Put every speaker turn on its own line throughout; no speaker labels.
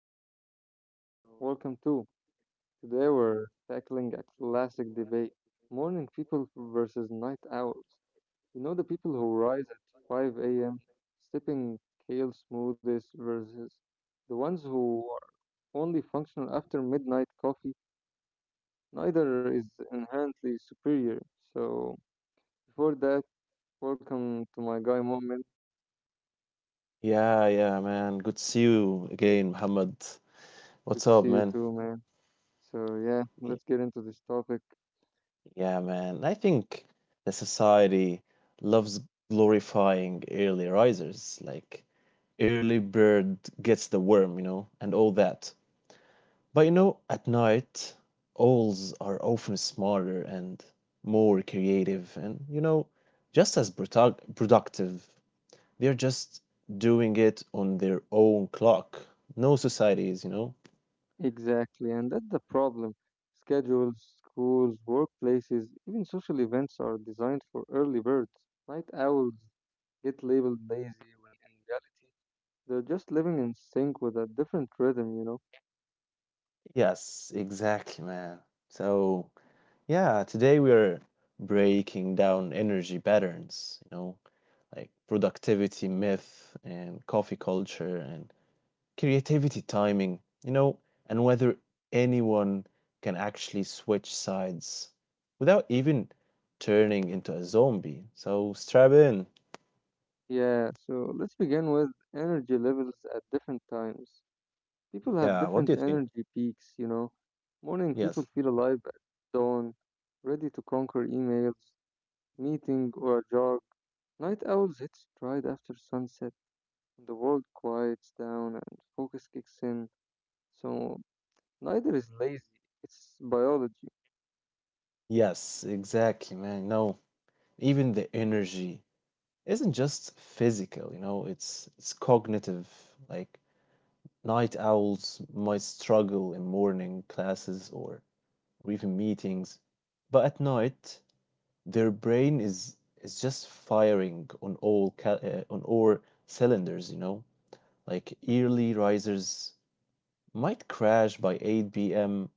time, so welcome too. Today we're tackling a classic debate, morning people versus night owls. You know, the people who rise at 5 a.m. sipping kale smoothies versus the ones who are only functional after midnight coffee. Neither is inherently superior. So, before that, welcome to my guy moment.
Yeah, yeah, man. Good to see you again, Muhammad.
Good to
What's
see
up,
you
man?
too, man. So yeah,
Y-
let's get into this topic.
Yeah, man. I think the society loves glorifying early risers, like early bird gets the worm, you know, and all that. But you know, at night, owls are often smarter and more creative and, you know, just as productive. They're just doing it on their own clock. No societies, you know.
Exactly, and that's the problem. Schedules, schools, workplaces, even social events are designed for early birds. Night owls get labeled lazy when in reality they're just living in sync with a different rhythm, you know?
Yes, exactly, man. So, yeah, today we are breaking down energy patterns, you know, like productivity myth and coffee culture and creativity timing, you know, and whether anyone can actually switch sides without even turning into a zombie. So, strap in.
Yeah, so let's begin with energy levels at different times. People have
Yeah, what do
different
you think?
energy peaks, you know? Morning people
Yes.
feel alive at dawn, ready to conquer emails, meeting, or a jog. Night owls hit stride after sunset, and the world quiets down and focus kicks in. So neither is lazy, it's biology.
Yes, exactly, man. No, even the energy isn't just physical, you know, it's cognitive. Like night owls might struggle in morning classes or even meetings, but at night their brain is just firing on all on all cylinders, you know. Like early risers might crash by 8 p.m.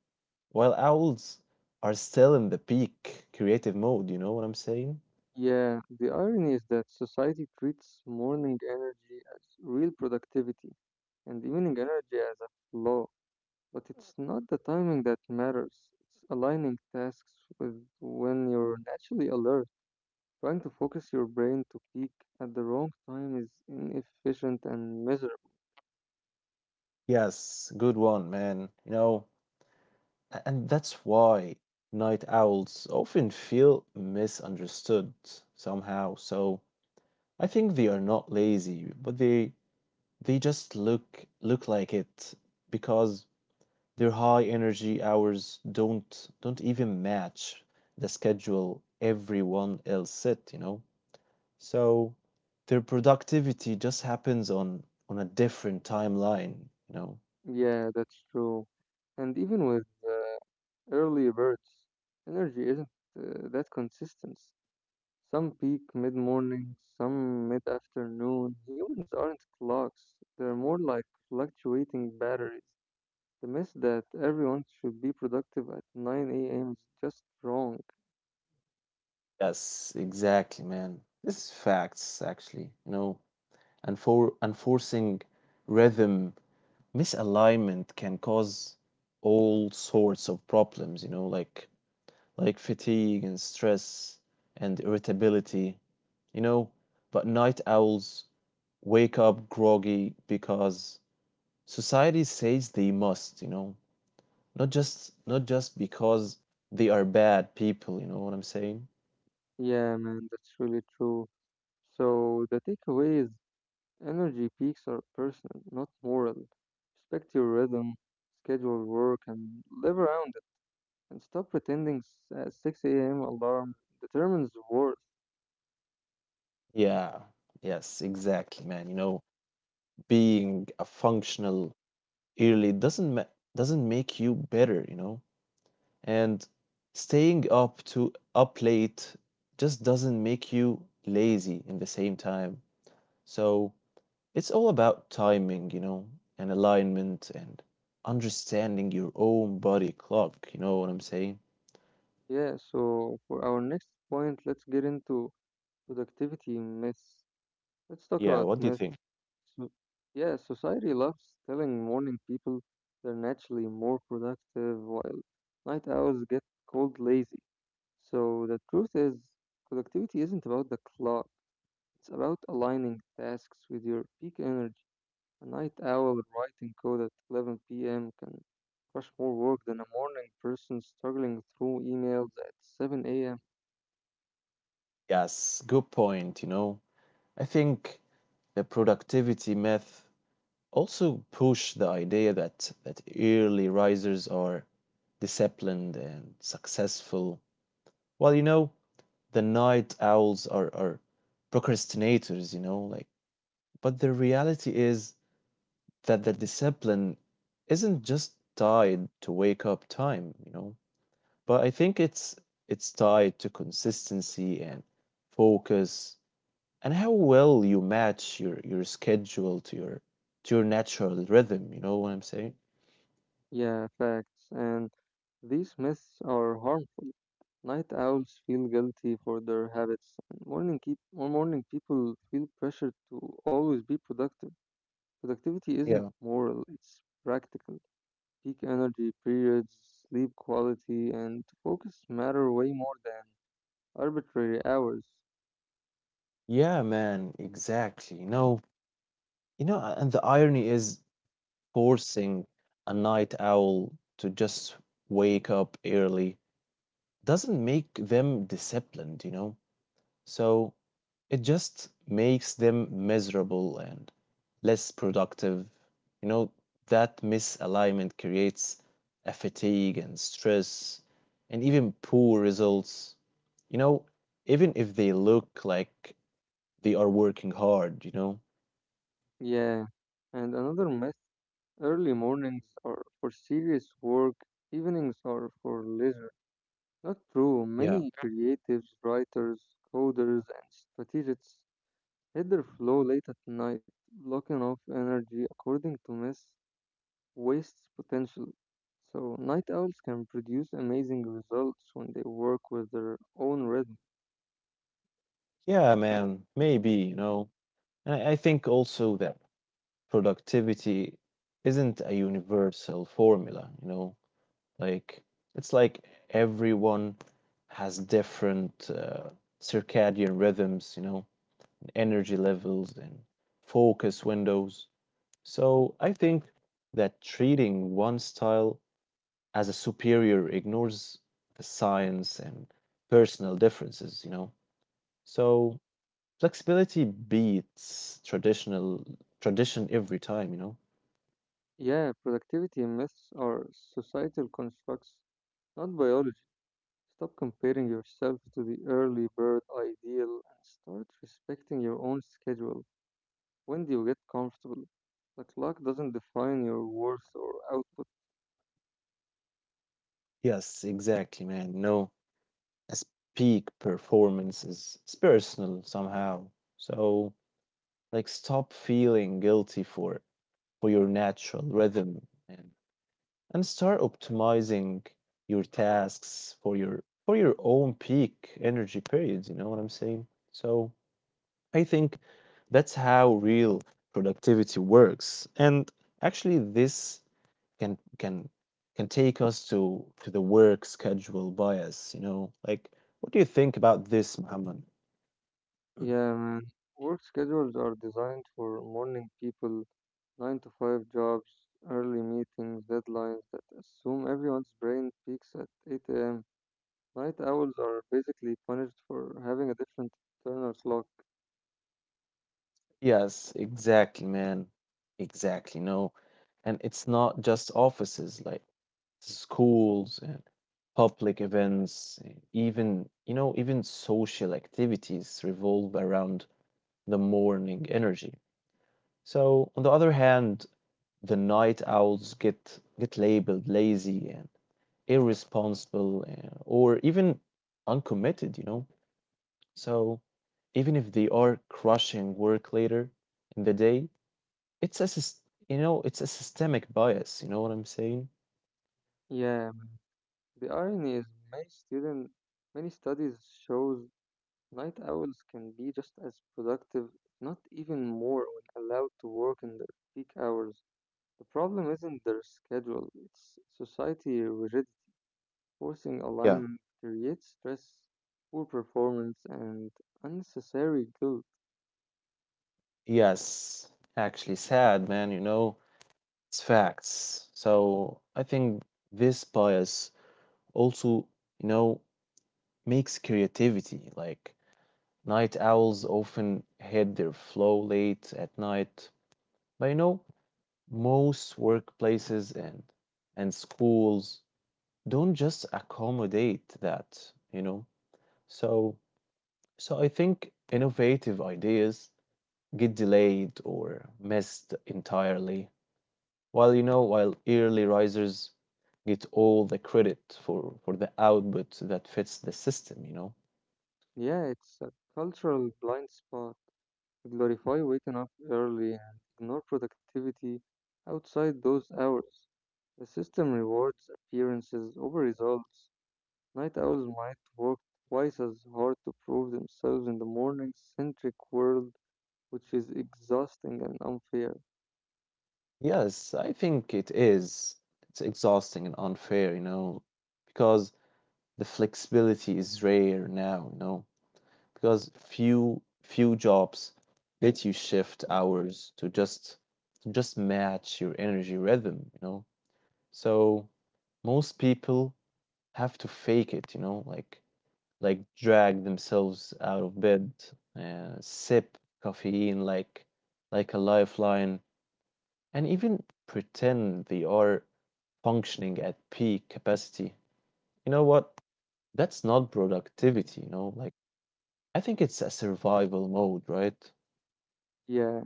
while owls are still in the peak creative mode, you know what I'm saying?
Yeah, the irony is that society treats morning energy as real productivity and evening energy as a flaw. But it's not the timing that matters, it's aligning tasks with when you're naturally alert. Trying to focus your brain to peak at the wrong time is inefficient and miserable.
Yes, good one, man. You know, And that's why night owls often feel misunderstood somehow. So I think they are not lazy, but they just look like it because their high energy hours don't even match the schedule everyone else set, you know? So their productivity just happens on a different timeline, you know?
Yeah, that's true. And even with early birds, energy isn't that consistent. Some peak mid morning, some mid afternoon. Humans aren't clocks, they're more like fluctuating batteries. The myth that everyone should be productive at 9 a.m. is just wrong.
Yes, exactly, man. This is facts, actually. You know, and for enforcing rhythm misalignment can cause all sorts of problems, you know, like fatigue and stress and irritability, you know. But night owls wake up groggy because society says they must, you know. Not just because they are bad people, you know what I'm saying?
Yeah, man, that's really true. So the takeaway is energy peaks are personal, not moral. Respect your rhythm, schedule work, and live around. And stop pretending 6 a.m. alarm determines worth.
Yeah. Yes, exactly, man. You know, being a functional early doesn't make you better, you know? And staying up late just doesn't make you lazy in the same time. So it's all about timing, you know, and alignment and understanding your own body clock, you know what I'm saying?
Yeah, so for our next point, let's get into productivity myths. Let's talk
Yeah,
about
what do you think?
myths. So, yeah, society loves telling morning people they're naturally more productive while night owls get called lazy. So the truth is, productivity isn't about the clock, it's about aligning tasks with your peak energy. A night owl writing code at 11 p.m. can crush more work than a morning person struggling through emails at 7 a.m.
Yes, good point, you know. I think the productivity myth also push the idea that early risers are disciplined and successful, well, you know, the night owls are procrastinators, you know, like, but the reality is that the discipline isn't just tied to wake up time, you know, but I think it's tied to consistency and focus and how well you match your schedule to your natural rhythm, you know what I'm saying?
Yeah, facts. And these myths are harmful. Night owls feel guilty for their habits, and morning keep or morning people feel pressured to always be productive. Productivity isn't
Yeah.
moral; it's practical. Peak energy periods, sleep quality, and focus matter way more than arbitrary hours.
Yeah, man, exactly. You know, and the irony is forcing a night owl to just wake up early doesn't make them disciplined, you know? So it just makes them miserable and less productive. You know, that misalignment creates a fatigue and stress and even poor results. You know, even if they look like they are working hard, you know?
Yeah, and another myth, early mornings are for serious work, evenings are for leisure. Not true.
Yeah.
Many creatives, writers, coders, and strategists hit their flow late at night. Blocking off energy according to myth wastes potential. So, night owls can produce amazing results when they work with their own rhythm.
Yeah, man, maybe, you know. And I think also that productivity isn't a universal formula, you know. Like it's like everyone has different circadian rhythms, you know, energy levels and focus windows. So I think that treating one style as a superior ignores the science and personal differences, you know. So flexibility beats traditional tradition every time, you know?
Yeah, productivity myths are societal constructs, not biology. Stop comparing yourself to the early bird ideal and start respecting your own schedule. When do you get comfortable? The clock doesn't define your worth or output.
Yes, exactly, man. No, as peak performance is it's personal somehow. So like stop feeling guilty for your natural rhythm and and start optimizing your tasks for your own peak energy periods, you know what I'm saying? So I think that's how real productivity works. And actually this can can can take us to the work schedule bias, you know, like what do you think about this, Muhammad? Mm.
Yeah, man. Work schedules are designed for morning people, 9 to 5 jobs, early meetings, deadlines that assume everyone's brain peaks at 8 a.m. Night owls are basically punished for having a different internal clock.
Yes, exactly, man. Exactly. No. And it's not just offices, like schools and public events, and even, you know, even social activities revolve around the morning energy. So, on the other hand, the night owls get labeled lazy and irresponsible and, or even uncommitted, you know. So, even if they are crushing work later in the day, it's a sys- you know, it's a systemic bias, you know what I'm saying?
Yeah, the irony is many student many studies shows night owls can be just as productive, if not even more, when allowed to work in their peak hours. The problem isn't their schedule, it's society rigidity. Forcing
Yeah.
alignment creates stress, poor performance, and unnecessary guilt.
Yes, actually sad, man, you know, it's facts. So I think this bias also, you know, makes creativity. Like night owls often hit their flow late at night. But you know, most workplaces and schools don't just accommodate that, you know. So so I think innovative ideas get delayed or missed entirely. While you know, while early risers get all the credit for the output that fits the system, you know?
Yeah, it's a cultural blind spot. Glorify waking up early and ignore productivity outside those hours. The system rewards appearances over results. Night owls might work twice as hard to prove themselves in the morning centric world, which is exhausting and unfair.
Yes, I think it is. It's exhausting and unfair, you know, because the flexibility is rare now, you know, because few jobs let you shift hours to just match your energy rhythm, you know. So most people have to fake it, you know, like drag themselves out of bed, sip caffeine like a lifeline, and even pretend they are functioning at peak capacity. You know what? That's not productivity, you know? Like I think it's a survival mode, right?
Yeah,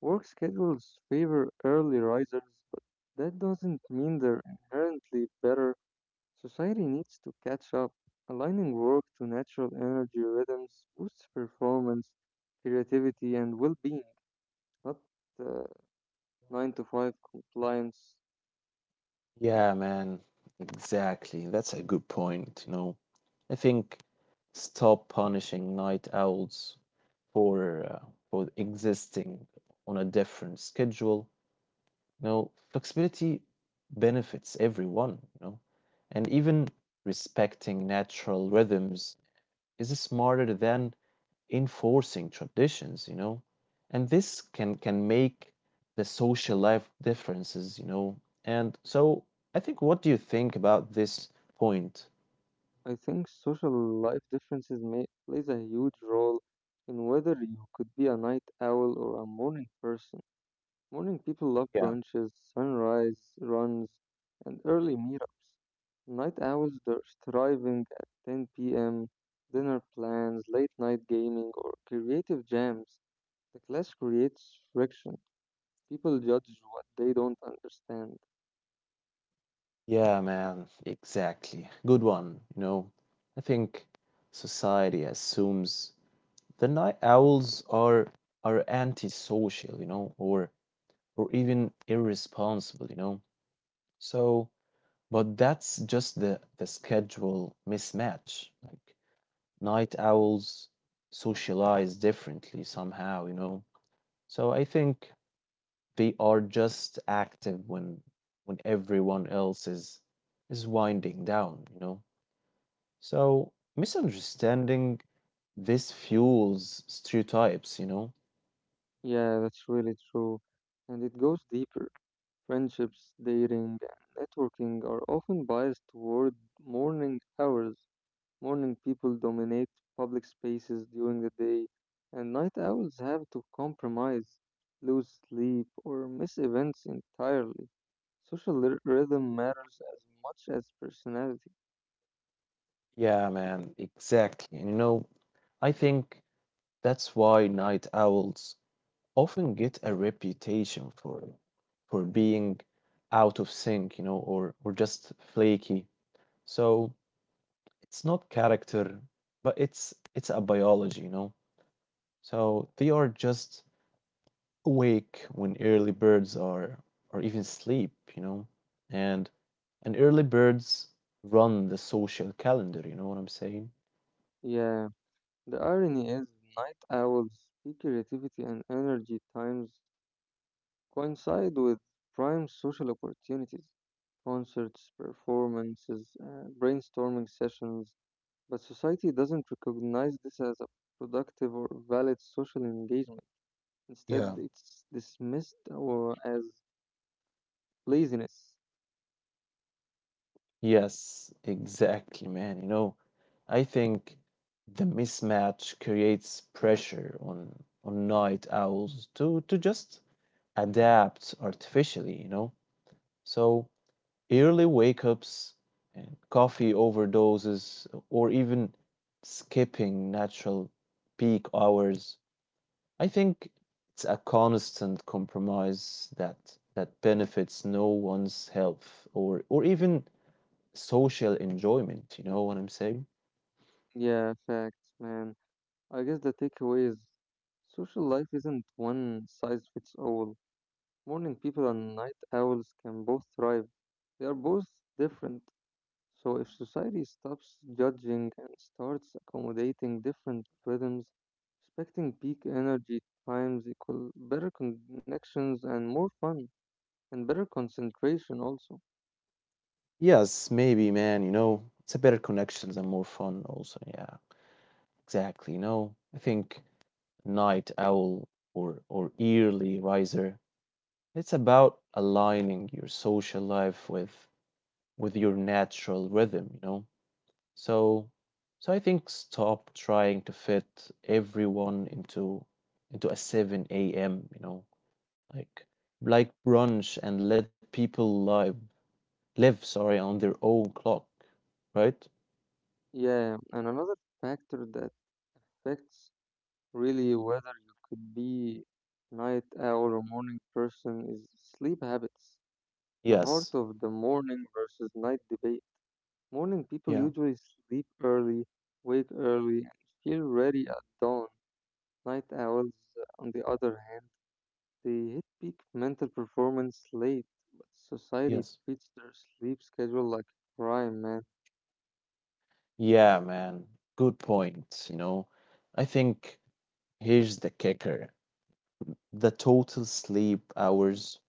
work schedules favor early risers, but that doesn't mean they're inherently better. Society needs to catch up. Aligning work to natural energy rhythms boosts performance, creativity, and well being, not uh, 9 to 5 compliance.
Yeah, man. Exactly. That's a good point, you know. I think stop punishing night owls for uh, for existing on a different schedule. You know, flexibility benefits everyone, you know, and even respecting natural rhythms is smarter than enforcing traditions, you know, and this can make the social life differences, you know. And so I think, what do you think about this point?
I think social life differences may, plays a huge role in whether you could be a night owl or a morning person. Morning people love
Yeah.
brunches, sunrise runs, and early meetups. Night owls, they're thriving at 10 p.m., dinner plans, late night gaming, or creative jams. The clash creates friction. People judge what they don't understand.
Yeah, man, exactly. Good one. You know, I think society assumes the night owls are antisocial, you know, or even irresponsible, you know. So, but that's just the schedule mismatch. Like night owls socialize differently somehow, you know. So I think they are just active when everyone else is winding down, you know. So, misunderstanding this fuels stereotypes, you know?
Yeah, that's really true. And it goes deeper. Friendships, dating, and networking are often biased toward morning hours. Morning people dominate public spaces during the day, and night owls have to compromise, lose sleep, or miss events entirely. Rhythm matters as much as personality.
Yeah, man, exactly. And you know, I think that's why night owls often get a reputation for being out of sync, you know, or just flaky. So, it's not character, but it's a biology, you know? So, they are just awake when early birds are, or even sleep, you know? And and early birds run the social calendar, you know what I'm saying?
Yeah, the irony is night owls' peak creativity and energy times coincide with prime social opportunities, concerts, performances, brainstorming sessions. But society doesn't recognize this as a productive or valid social engagement. Instead,
Yeah.
it's dismissed or as laziness.
Yes, exactly, man. You know, I think the mismatch creates pressure on night owls to just adapt artificially, you know. So early wake-ups and coffee overdoses or even skipping natural peak hours. I think it's a constant compromise that benefits no one's health or even social enjoyment. You know what I'm saying?
Yeah, facts, man. I guess the takeaway is social life isn't one size fits all. Morning people and night owls can both thrive. They are both different. So, if society stops judging and starts accommodating different rhythms, respecting peak energy times equal better connections and more fun and better concentration also.
Yes, maybe, man. You know, it's a better connections and more fun. Also, yeah, exactly. You know, I think night owl or early riser. It's about aligning your social life with your natural rhythm. You know, so so I think stop trying to fit everyone into a 7 a.m., you know, like like brunch, and let people live on their own clock, right?
Yeah, and another factor that affects really whether you could be night owl or morning person is sleep habits. The heart
Yes.
of the morning versus night debate. Morning people
Yeah.
usually sleep early, wake early, and feel ready at dawn. Night owls, on the other hand, they hit peak mental performance late, but society
Yes.
treats their sleep schedule like a crime, man.
Yeah, man. Good point. You know, I think here's the kicker. The total sleep hours,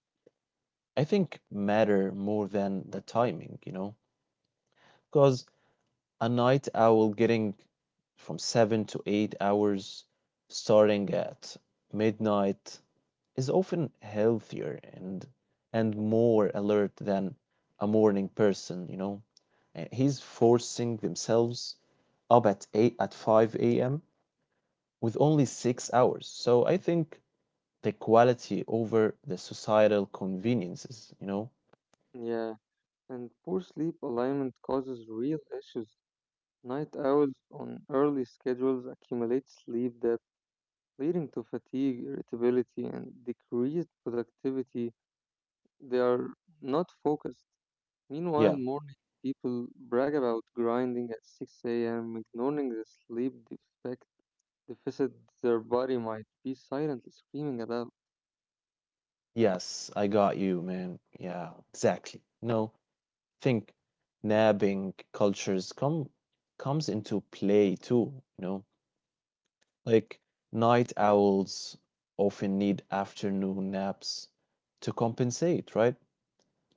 I think, matter more than the timing, you know, because a night owl getting from 7 to 8 hours starting at midnight is often healthier and more alert than a morning person, you know. He's forcing themselves up at 5 a.m. with only 6 hours. So I think the quality over the societal conveniences, you know.
Yeah, and poor sleep alignment causes real issues. Night owls on early schedules accumulate sleep debt, leading to fatigue, irritability, and decreased productivity. They are not focused.
Yeah.
Meanwhile, morning people brag about grinding at 6 a.m., ignoring the sleep defect. Deficit. Their body might be silently screaming about.
Yes, I got you, man. Yeah, exactly. No, think napping cultures comes into play too, you know. Like night owls often need afternoon naps to compensate, right?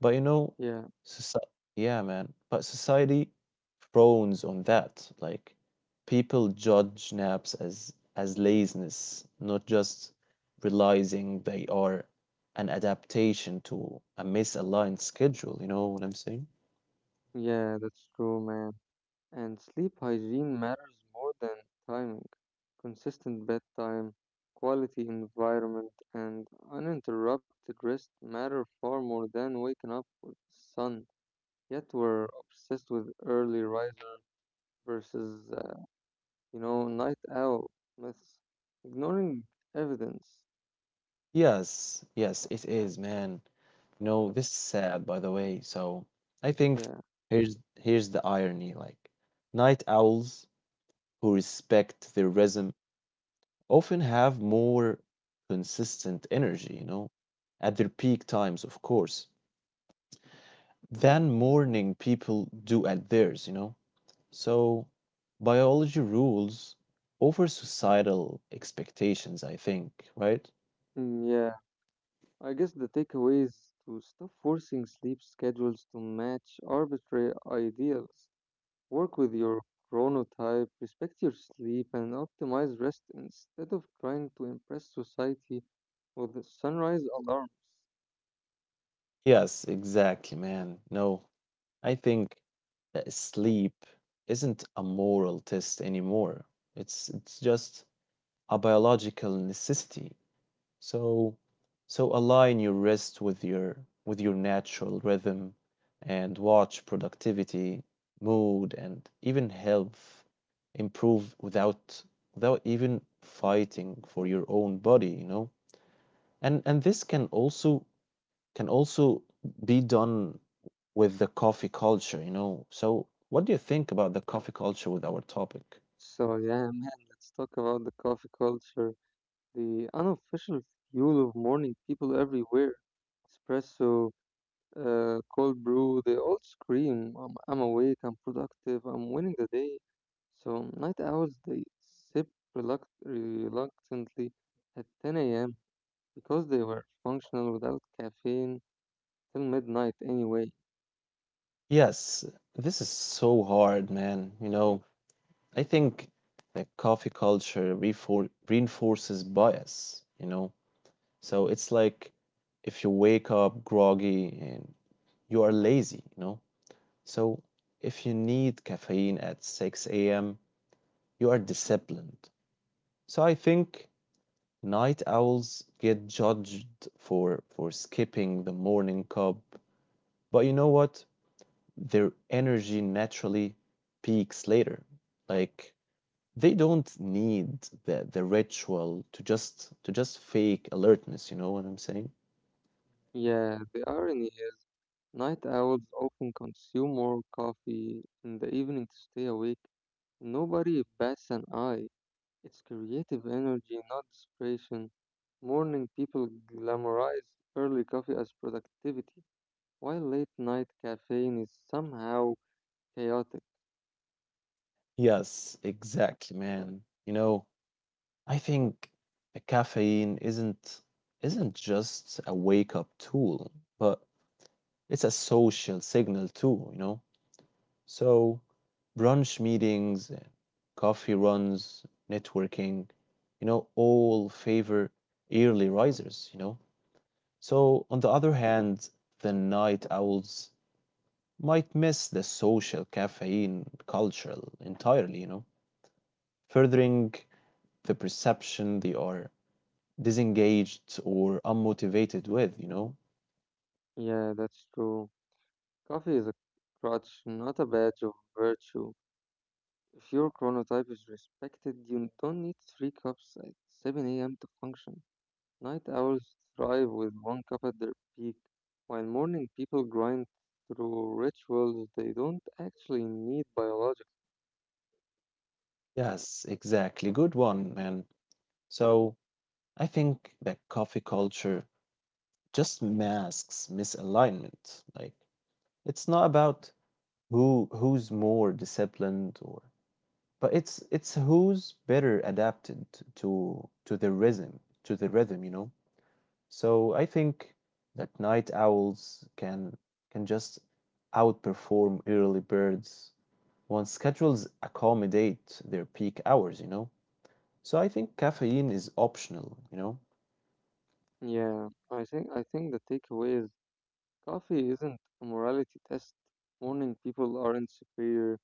But you know,
Yeah,
soci yeah, man. But society frowns on that. Like people judge naps as laziness, not just realizing they are an adaptation to a misaligned schedule, you know what I'm saying?
yeah, that's true, man. And sleep hygiene matters more than timing. Consistent bedtime, quality environment, and uninterrupted rest matter far more than waking up with sun. Yet we're obsessed with early riser versus, you know, night owl myths, ignoring evidence.
Yes, yes, it is, man. You know this is sad, by the way. So I think
Yeah,
here's the irony. Like night owls who respect their rhythm often have more consistent energy, you know, at their peak times, of course, than morning people do at theirs, you know. So biology rules over societal expectations, I think, right?
yeah. I guess the takeaway is to stop forcing sleep schedules to match arbitrary ideals. Work with your chronotype, respect your sleep, and optimize rest instead of trying to impress society with the sunrise alarms.
Yes, exactly, man. No, I think that sleep isn't a moral test anymore. It's just a biological necessity. So so align your rest with your natural rhythm and watch productivity, mood and even health improve without without even fighting for your own body, you know? And this can also be done with the coffee culture, you know. So, what do you think about the coffee culture with our topic?
So, yeah, man, let's talk about the coffee culture, the unofficial fuel of morning people everywhere. Espresso, cold brew, they all scream, I'm, awake, I'm productive, I'm winning the day. So night owls, they sip reluctantly at 10 a.m. because they were functional without caffeine till midnight anyway.
Yes, this is so hard, man. You know, I think the coffee culture reinforces bias, you know. So, it's like if you wake up groggy and you are lazy, you know. So, if you need caffeine at 6 a.m., you are disciplined. So, I think night owls get judged for skipping the morning cub, but you know what? Their energy naturally peaks later. Like they don't need the ritual to just fake alertness, you know what I'm saying?
Yeah, the irony is, night owls often consume more coffee in the evening to stay awake. Nobody bats an eye. It's creative energy, not desperation. Morning people glamorize early coffee as productivity, while late night caffeine is somehow chaotic.
Yes, exactly, man. I think the caffeine isn't just a wake up tool, but it's a social signal too, you know? So brunch meetings, coffee runs, networking, all favor early risers, you know. So on the other hand, the night owls might miss the social caffeine culture entirely, you know, furthering the perception they are disengaged or unmotivated with, you know.
Yeah, that's true. Coffee is a crutch, not a badge of virtue. If your chronotype is respected, you don't need three cups at 7 a.m. to function. Night owls thrive with one cup at their peak, while morning people grind through rituals they don't actually need biologically.
Yes, exactly. Good one, man. So I think that coffee culture just masks misalignment. It's not about who's more disciplined or but it's who's better adapted to the rhythm, you know. So I think that night owls can just outperform early birds once schedules accommodate their peak hours, you know. So I think caffeine is optional, you know.
Yeah, I think the takeaway is coffee isn't a morality test. Morning people aren't superior.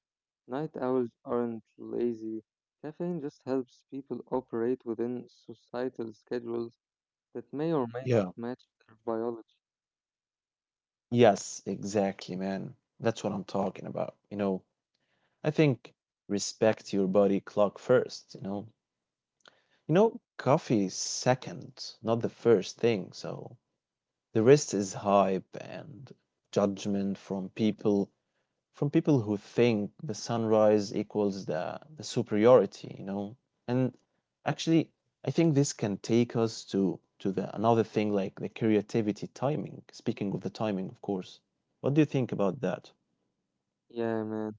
Night owls aren't lazy. Caffeine just helps people operate within societal schedules that may or may not
Yeah.
match their biology.
Yes, exactly, man. That's what I'm talking about. I think respect your body clock first, you know? Coffee is second, not the first thing, so the rest is hype and judgment from people who think the sunrise equals the superiority, you know? And actually I think this can take us to the another thing like the creativity timing. Speaking of the timing, of course. What do you think about that?
Yeah, man.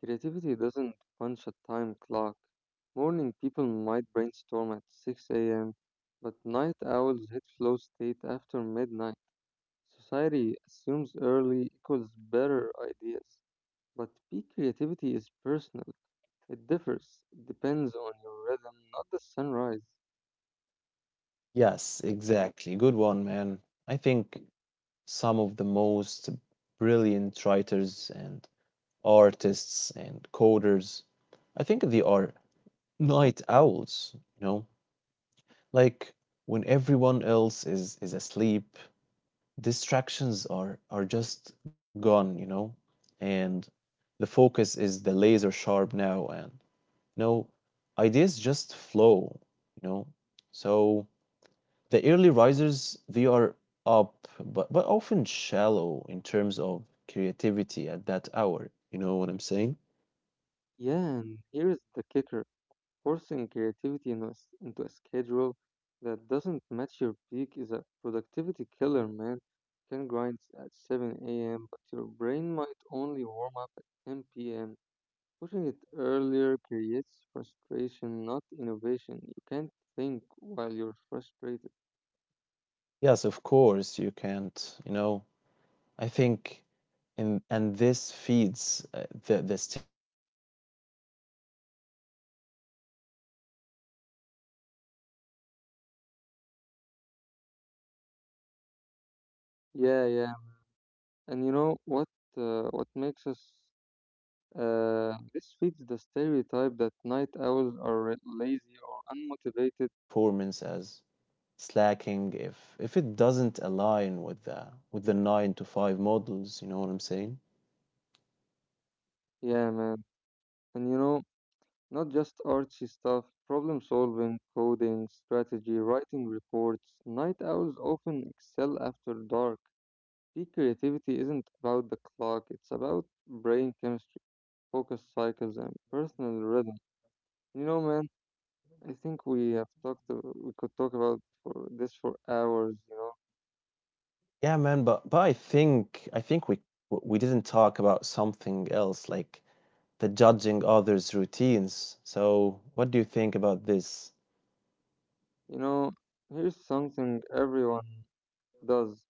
Creativity doesn't punch a time clock. Morning people might brainstorm at 6 a.m., but night owls hit flow state after midnight. Society assumes early equals better ideas, but peak creativity is personal. It differs. It depends on your rhythm, not the sunrise.
Yes, exactly. Good one, man. I think some of the most brilliant writers and artists and coders. I think they are night owls, you know? Like when everyone else is asleep, distractions are just gone, you know? And the focus is the laser sharp now and you know, ideas just flow, you know? So The early risers, they are up, but often shallow in terms of creativity at that hour. You know what I'm saying?
Yeah, and here's the kicker. Forcing creativity into a schedule that doesn't match your peak is a productivity killer, man. You can grind at 7 a.m., but your brain might only warm up at 10 p.m. Pushing it earlier creates frustration, not innovation. You can't think while you're frustrated.
Yes, of course, you can't, you know. I think and this feeds the stereotype, you know, like that night owls are lazy or unmotivated, you know. So they are not, but
Yeah, yeah.
their creative
And you know what?
outputs
What
just
makes us
happens outside traditional hours,
This
you know.
feeds the stereotype that
So I
night
think
owls are
society
lazy or
misreads
unmotivated.
peak performance as slacking if it doesn't align with the 9 to 5 models, you know what I'm saying?
Yeah, man. And you know, not just artsy stuff, problem solving, coding, strategy, writing reports. Night owls often excel after dark. Peak creativity isn't about the clock, it's about brain chemistry, focus cycles, and personal rhythm. You know, man, I think we could talk about for this for hours, you know.
Yeah, man, but I think we didn't talk about something else like the judging others' routines. So what do you think about this?
You know, here's something everyone does,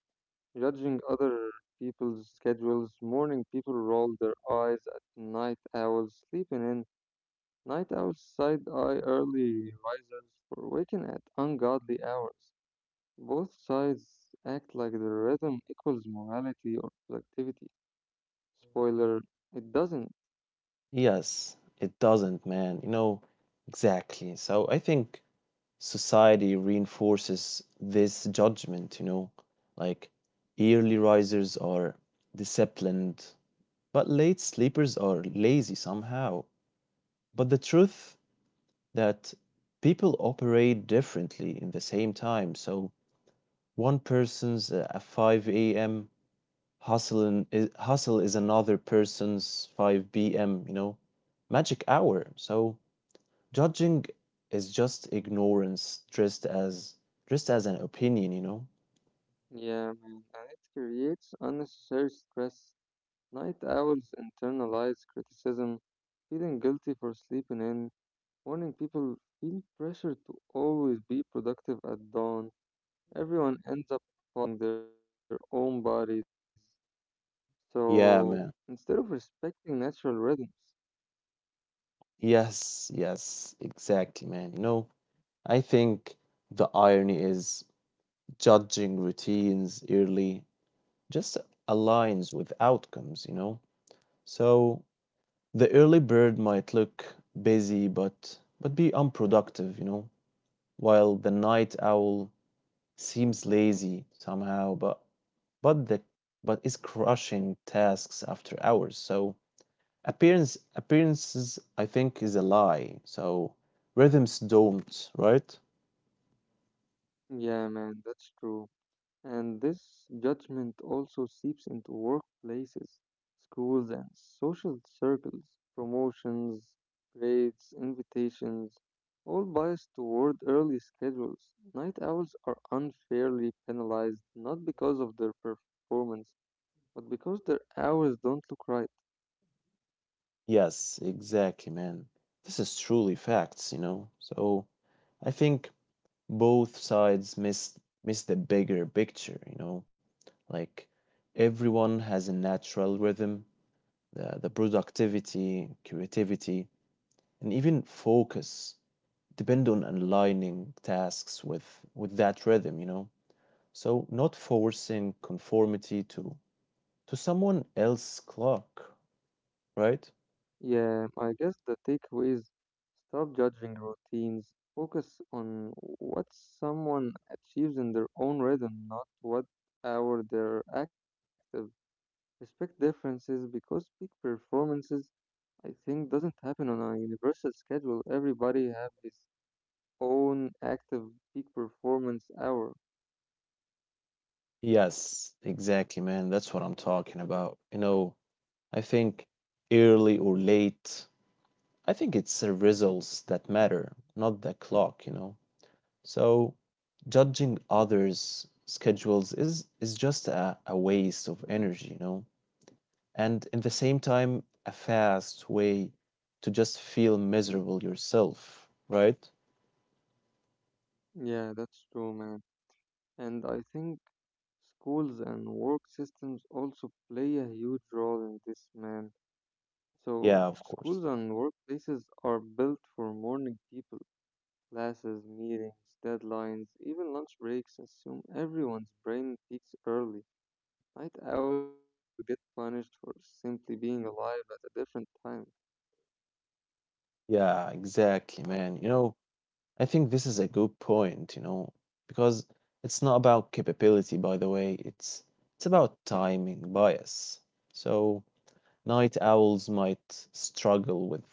judging other people's schedules. Morning people roll their eyes at night owls sleeping in, night owls side eye early risers for waking at ungodly hours. Both sides act like the rhythm equals morality or productivity. Spoiler, it doesn't.
Yes, it doesn't, man. Exactly. So I think society reinforces this judgment, you know, like early risers are disciplined, but late sleepers are lazy somehow. But the truth that people operate differently in the same time. So one person's a 5 a.m. Hustle is another person's 5 p.m., you know, magic hour. So judging is just ignorance dressed as an opinion, you know?
Yeah, man, and it creates unnecessary stress. Night owls internalize criticism, feeling guilty for sleeping in. Morning people feel pressure to always be productive at dawn. Everyone ends up fighting their own bodies. So instead of
Yeah, man.
respecting natural rhythms,
Yes, exactly, man. You know, I think the irony is judging routines early just aligns with outcomes, you know? So the early bird might look busy but be unproductive, you know, while the night owl seems lazy somehow, but the but is crushing tasks after hours. So appearances I think is a lie. So rhythms don't, right?
yeah, man, that's true. And this judgment also seeps into workplaces, schools, and social circles. Promotions, grades, invitations, all biased toward early schedules. Night owls are unfairly penalized not because of their performance, but because their hours don't look right.
Yes, exactly, man. This is truly facts, you know. So I think both sides miss the bigger picture, you know. Like everyone has a natural rhythm, the productivity, creativity, and even focus depend on aligning tasks with that rhythm, you know. So not forcing conformity to someone else's clock, right?
Yeah, I guess the takeaway is stop judging routines, focus on what someone achieves in their own rhythm, not what hour they're active. Respect differences because peak performances, I think, doesn't happen on a universal schedule. Everybody have his own active peak performance hour.
Yes, exactly, man. That's what I'm talking about, you know. I think early or late, I think it's the results that matter, not the clock, you know. So judging others schedules is just a waste of energy, you know, and in the same time a fast way to just feel miserable yourself, right?
Yeah, that's true, man. And I think schools and work systems also play a huge role in this, man. So,
Yeah, of
schools
course.
and workplaces are built for morning people. Classes, meetings, deadlines, even lunch breaks assume everyone's brain peaks early. Night owls get punished for simply being alive at a different time.
Yeah, exactly, man. You know, I think this is a good point, you know, because it's not about capability, by the way, it's about timing bias. So night owls might struggle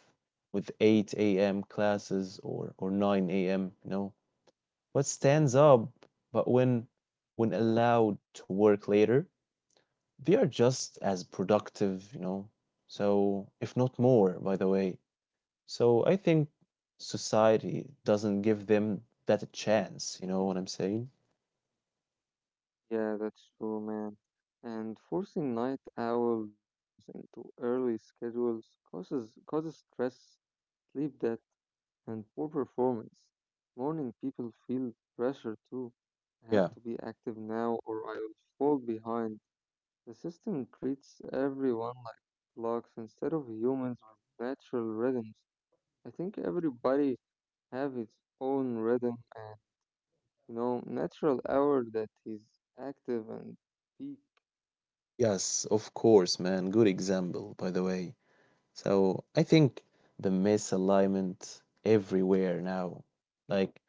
with 8 a.m. classes or 9 a.m., you know, what stands up, but when allowed to work later, they are just as productive, you know, so if not more, by the way. So I think society doesn't give them that a chance, you know what I'm saying?
Yeah, that's true, man. And forcing night owls into early schedules causes stress, sleep debt, and poor performance. Morning people feel pressure too. I have
Yeah.
to be active now or I will fall behind. The system treats everyone like clocks instead of humans with natural rhythms. I think everybody have its own rhythm, you know, natural hour that is active and peak.
Yes, of course, man. Good example, by the way. So I think the misalignment everywhere now, like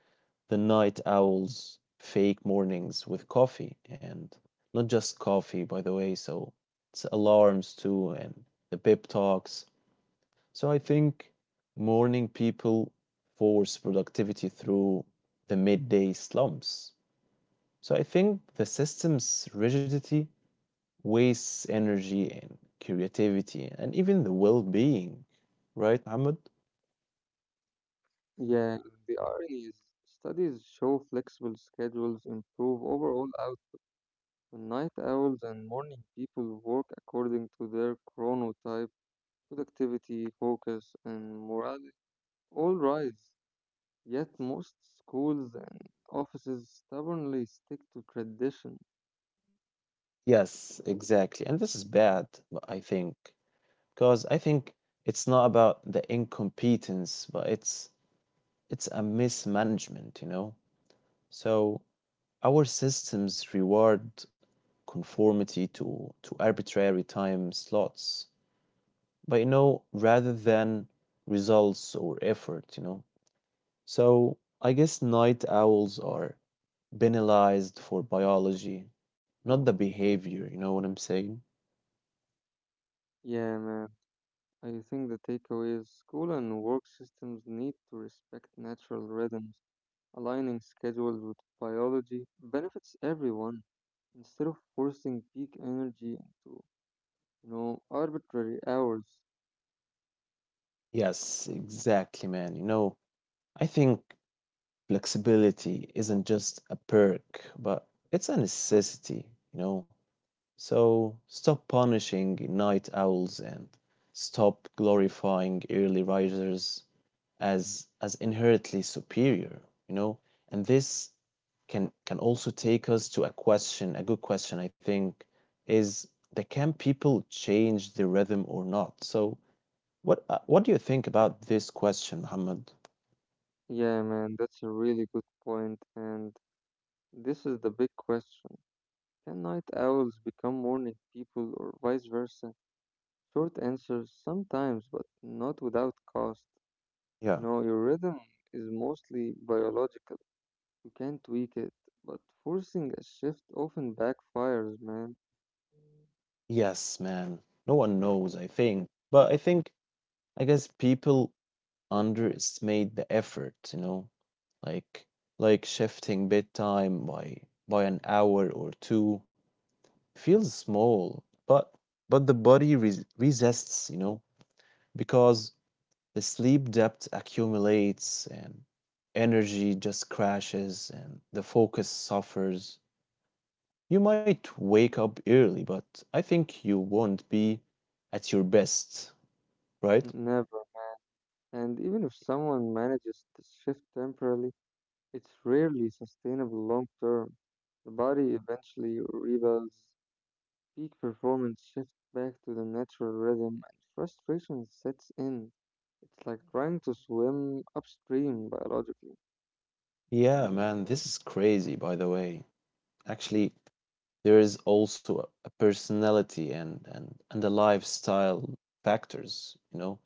the night owls, fake mornings with coffee, and not just coffee, by the way. So it's alarms too, and the pep talks. So I think morning people force productivity through the midday slumps. So I think the system's rigidity wastes energy and creativity and even the well being, right, Ahmed?
Yeah, the irony is studies show flexible schedules improve overall output. When night owls and morning people work according to their chronotype, productivity, focus, and morale all rise. Yet most schools and offices stubbornly stick to tradition.
Yes, exactly. And this is bad, but I think, because I think it's not about the incompetence, but it's a mismanagement, you know? So our systems reward conformity to arbitrary time slots, but you know, rather than results or effort, you know. So I guess night owls are penalized for biology, not the behavior, you know what I'm saying?
Yeah, man. I think the takeaway is school and work systems need to respect natural rhythms. Aligning schedules with biology benefits everyone instead of forcing peak energy into, you know, arbitrary hours.
Yes, exactly, man. You know, I think flexibility isn't just a perk, but it's a necessity, you know. So stop punishing night owls and stop glorifying early risers as inherently superior, you know? And this can also take us to a question, a good question, I think, is that can people change the rhythm or not? So what do you think about this question, Muhammad?
Yeah, man, that's a really good point, and this is the big question. Can night owls become morning people or vice versa? Short answer, sometimes, but not without cost. You
Yeah.
know, your rhythm is mostly biological. You can tweak it, but forcing a shift often backfires, man.
Yes, man. No one knows, I think. But I think I guess people underestimate the effort, you know, like shifting bedtime by an hour or two feels small, but the body resists, you know, because the sleep debt accumulates and energy just crashes and the focus suffers. You might wake up early, but I think you won't be at your best, right?
Never. And even if someone manages to shift temporarily, it's rarely sustainable long term. The body eventually rebuilds, peak performance shifts back to the natural rhythm, and frustration sets in. It's like trying to swim upstream biologically.
Yeah, man, this is crazy, by the way. Actually, there is also personality and and the lifestyle factors, you know,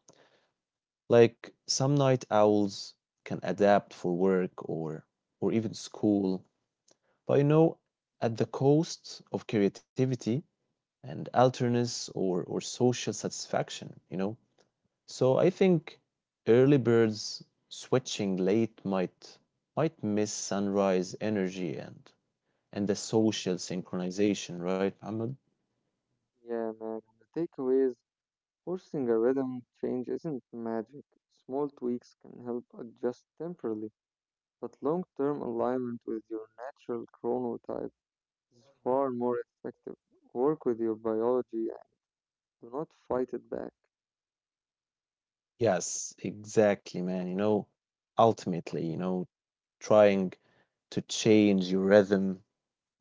like some night owls can adapt for work or even school, but you know, at the cost of creativity and alterness or social satisfaction, you know. So I think early birds switching late might miss sunrise energy and the social synchronization, right, Ahmed?
Yeah, man. And the takeaway is forcing a rhythm change isn't magic. Small tweaks can help adjust temporarily, but long term alignment with your natural chronotype is far more effective. Work with your biology and do not fight it back.
Yes, exactly, man. You know, ultimately, you know, trying to change your rhythm,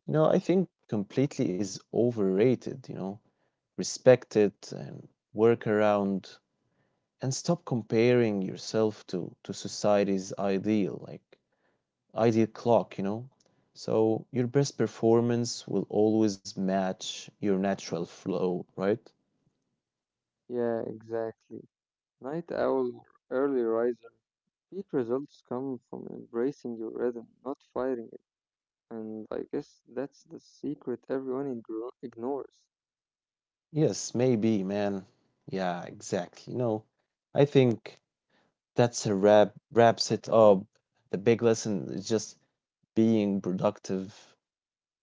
you know, I think completely is overrated, you know, respect it and work around and stop comparing yourself to society's ideal like ideal clock, you know. So your best performance will always match your natural flow, right?
Yeah, exactly. Night owl or early riser, peak results come from embracing your rhythm, not fighting it. And I guess that's the secret everyone ignores.
Yes, maybe man. Yeah, exactly. No, I think that's a wraps it up. The big lesson is just being productive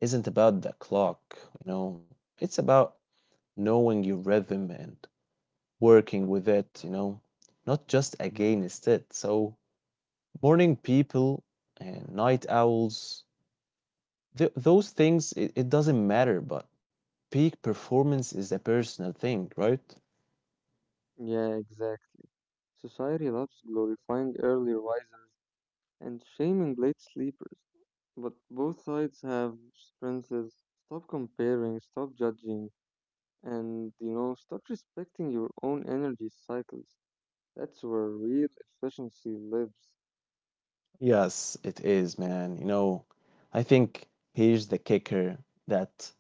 isn't about the clock, you know. It's about knowing your rhythm and working with it, you know, not just against it. So morning people and night owls, those things, it doesn't matter, but peak performance is a personal thing, right?
Yeah, exactly. Society loves glorifying early risers and shaming late sleepers. But both sides have strengths. Stop comparing, stop judging, and you know start respecting your own energy cycles. That's where real efficiency lives.
Yes, it is, man. You know, I think here's the kicker that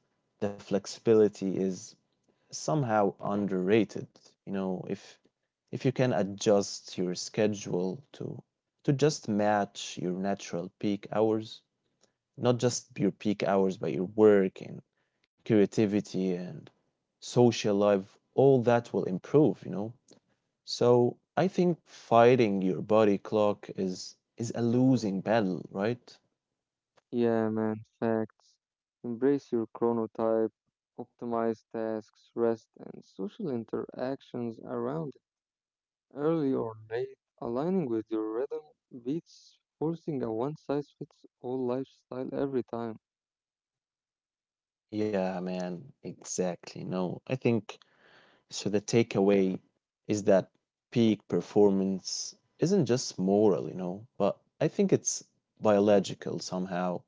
the flexibility is somehow underrated. You know, if you can adjust your schedule to just match your natural peak hours, not just your peak hours, but your work and creativity and social life, all that will improve, you know? So I think fighting your body clock is a losing battle, right?
Yeah, man, facts. Embrace your chronotype, optimize tasks, rest, and social interactions around it. Early or late, aligning with your rhythm beats forcing a one size fits all lifestyle every time.
Yeah, man, exactly. No, I think so the takeaway is that peak performance isn't just moral, you know, but I think it's biological somehow.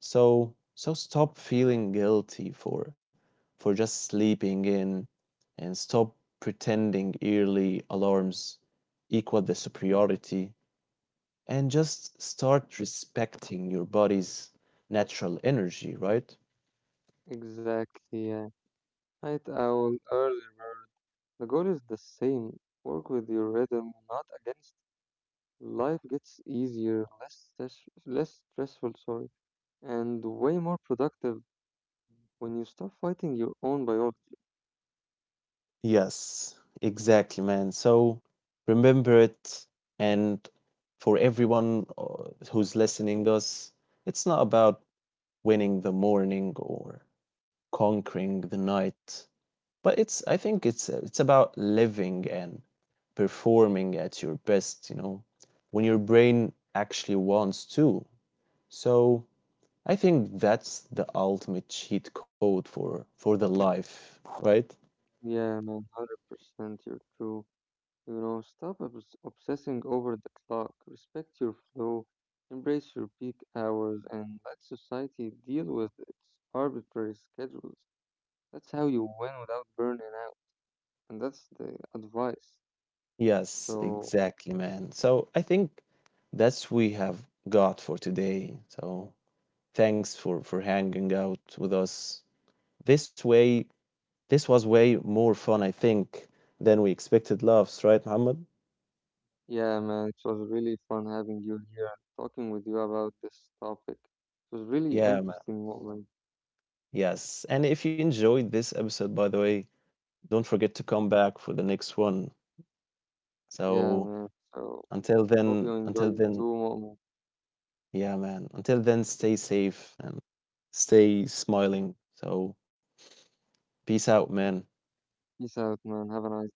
So stop feeling guilty for just sleeping in and stop pretending early alarms equal the superiority and just start respecting your body's natural energy, right?
Exactly, yeah. Night owl, early bird. The goal is the same, work with your rhythm, not against. Life gets easier, less stressful, sorry, and way more productive when you stop fighting your own biology.
Yes, exactly, man. So remember it, and for everyone who's listening us, it's not about winning the morning or conquering the night. But it's I think it's about living and performing at your best, you know, when your brain actually wants to. So I think that's the ultimate cheat code for the life, right?
Yeah, man, 100% you're true. You know, stop obsessing over the clock, respect your flow, embrace your peak hours, and let society deal with its arbitrary schedules. That's how you win without burning out, and that's the advice.
Yes,
So,
exactly, man. So I think that's we have got for today. So thanks for hanging out with us. This way This was way more fun, I think, than we expected laughs, right, Muhammad?
yeah, man, it was really fun having you here and talking with you about this topic. It was really
Yeah, man.
interesting, Mu'min.
Yes. And if you enjoyed this episode, by the way, don't forget to come back for the next one.
Yeah,
So
man. So hope you enjoyed
until
it too,
then,
Mu'min.
yeah, man. Until then, stay safe and stay smiling. So peace out, man.
Peace out, man. Have a nice day.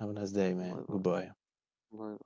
Have a nice day,
Bye bye.
man. Goodbye.
Bye.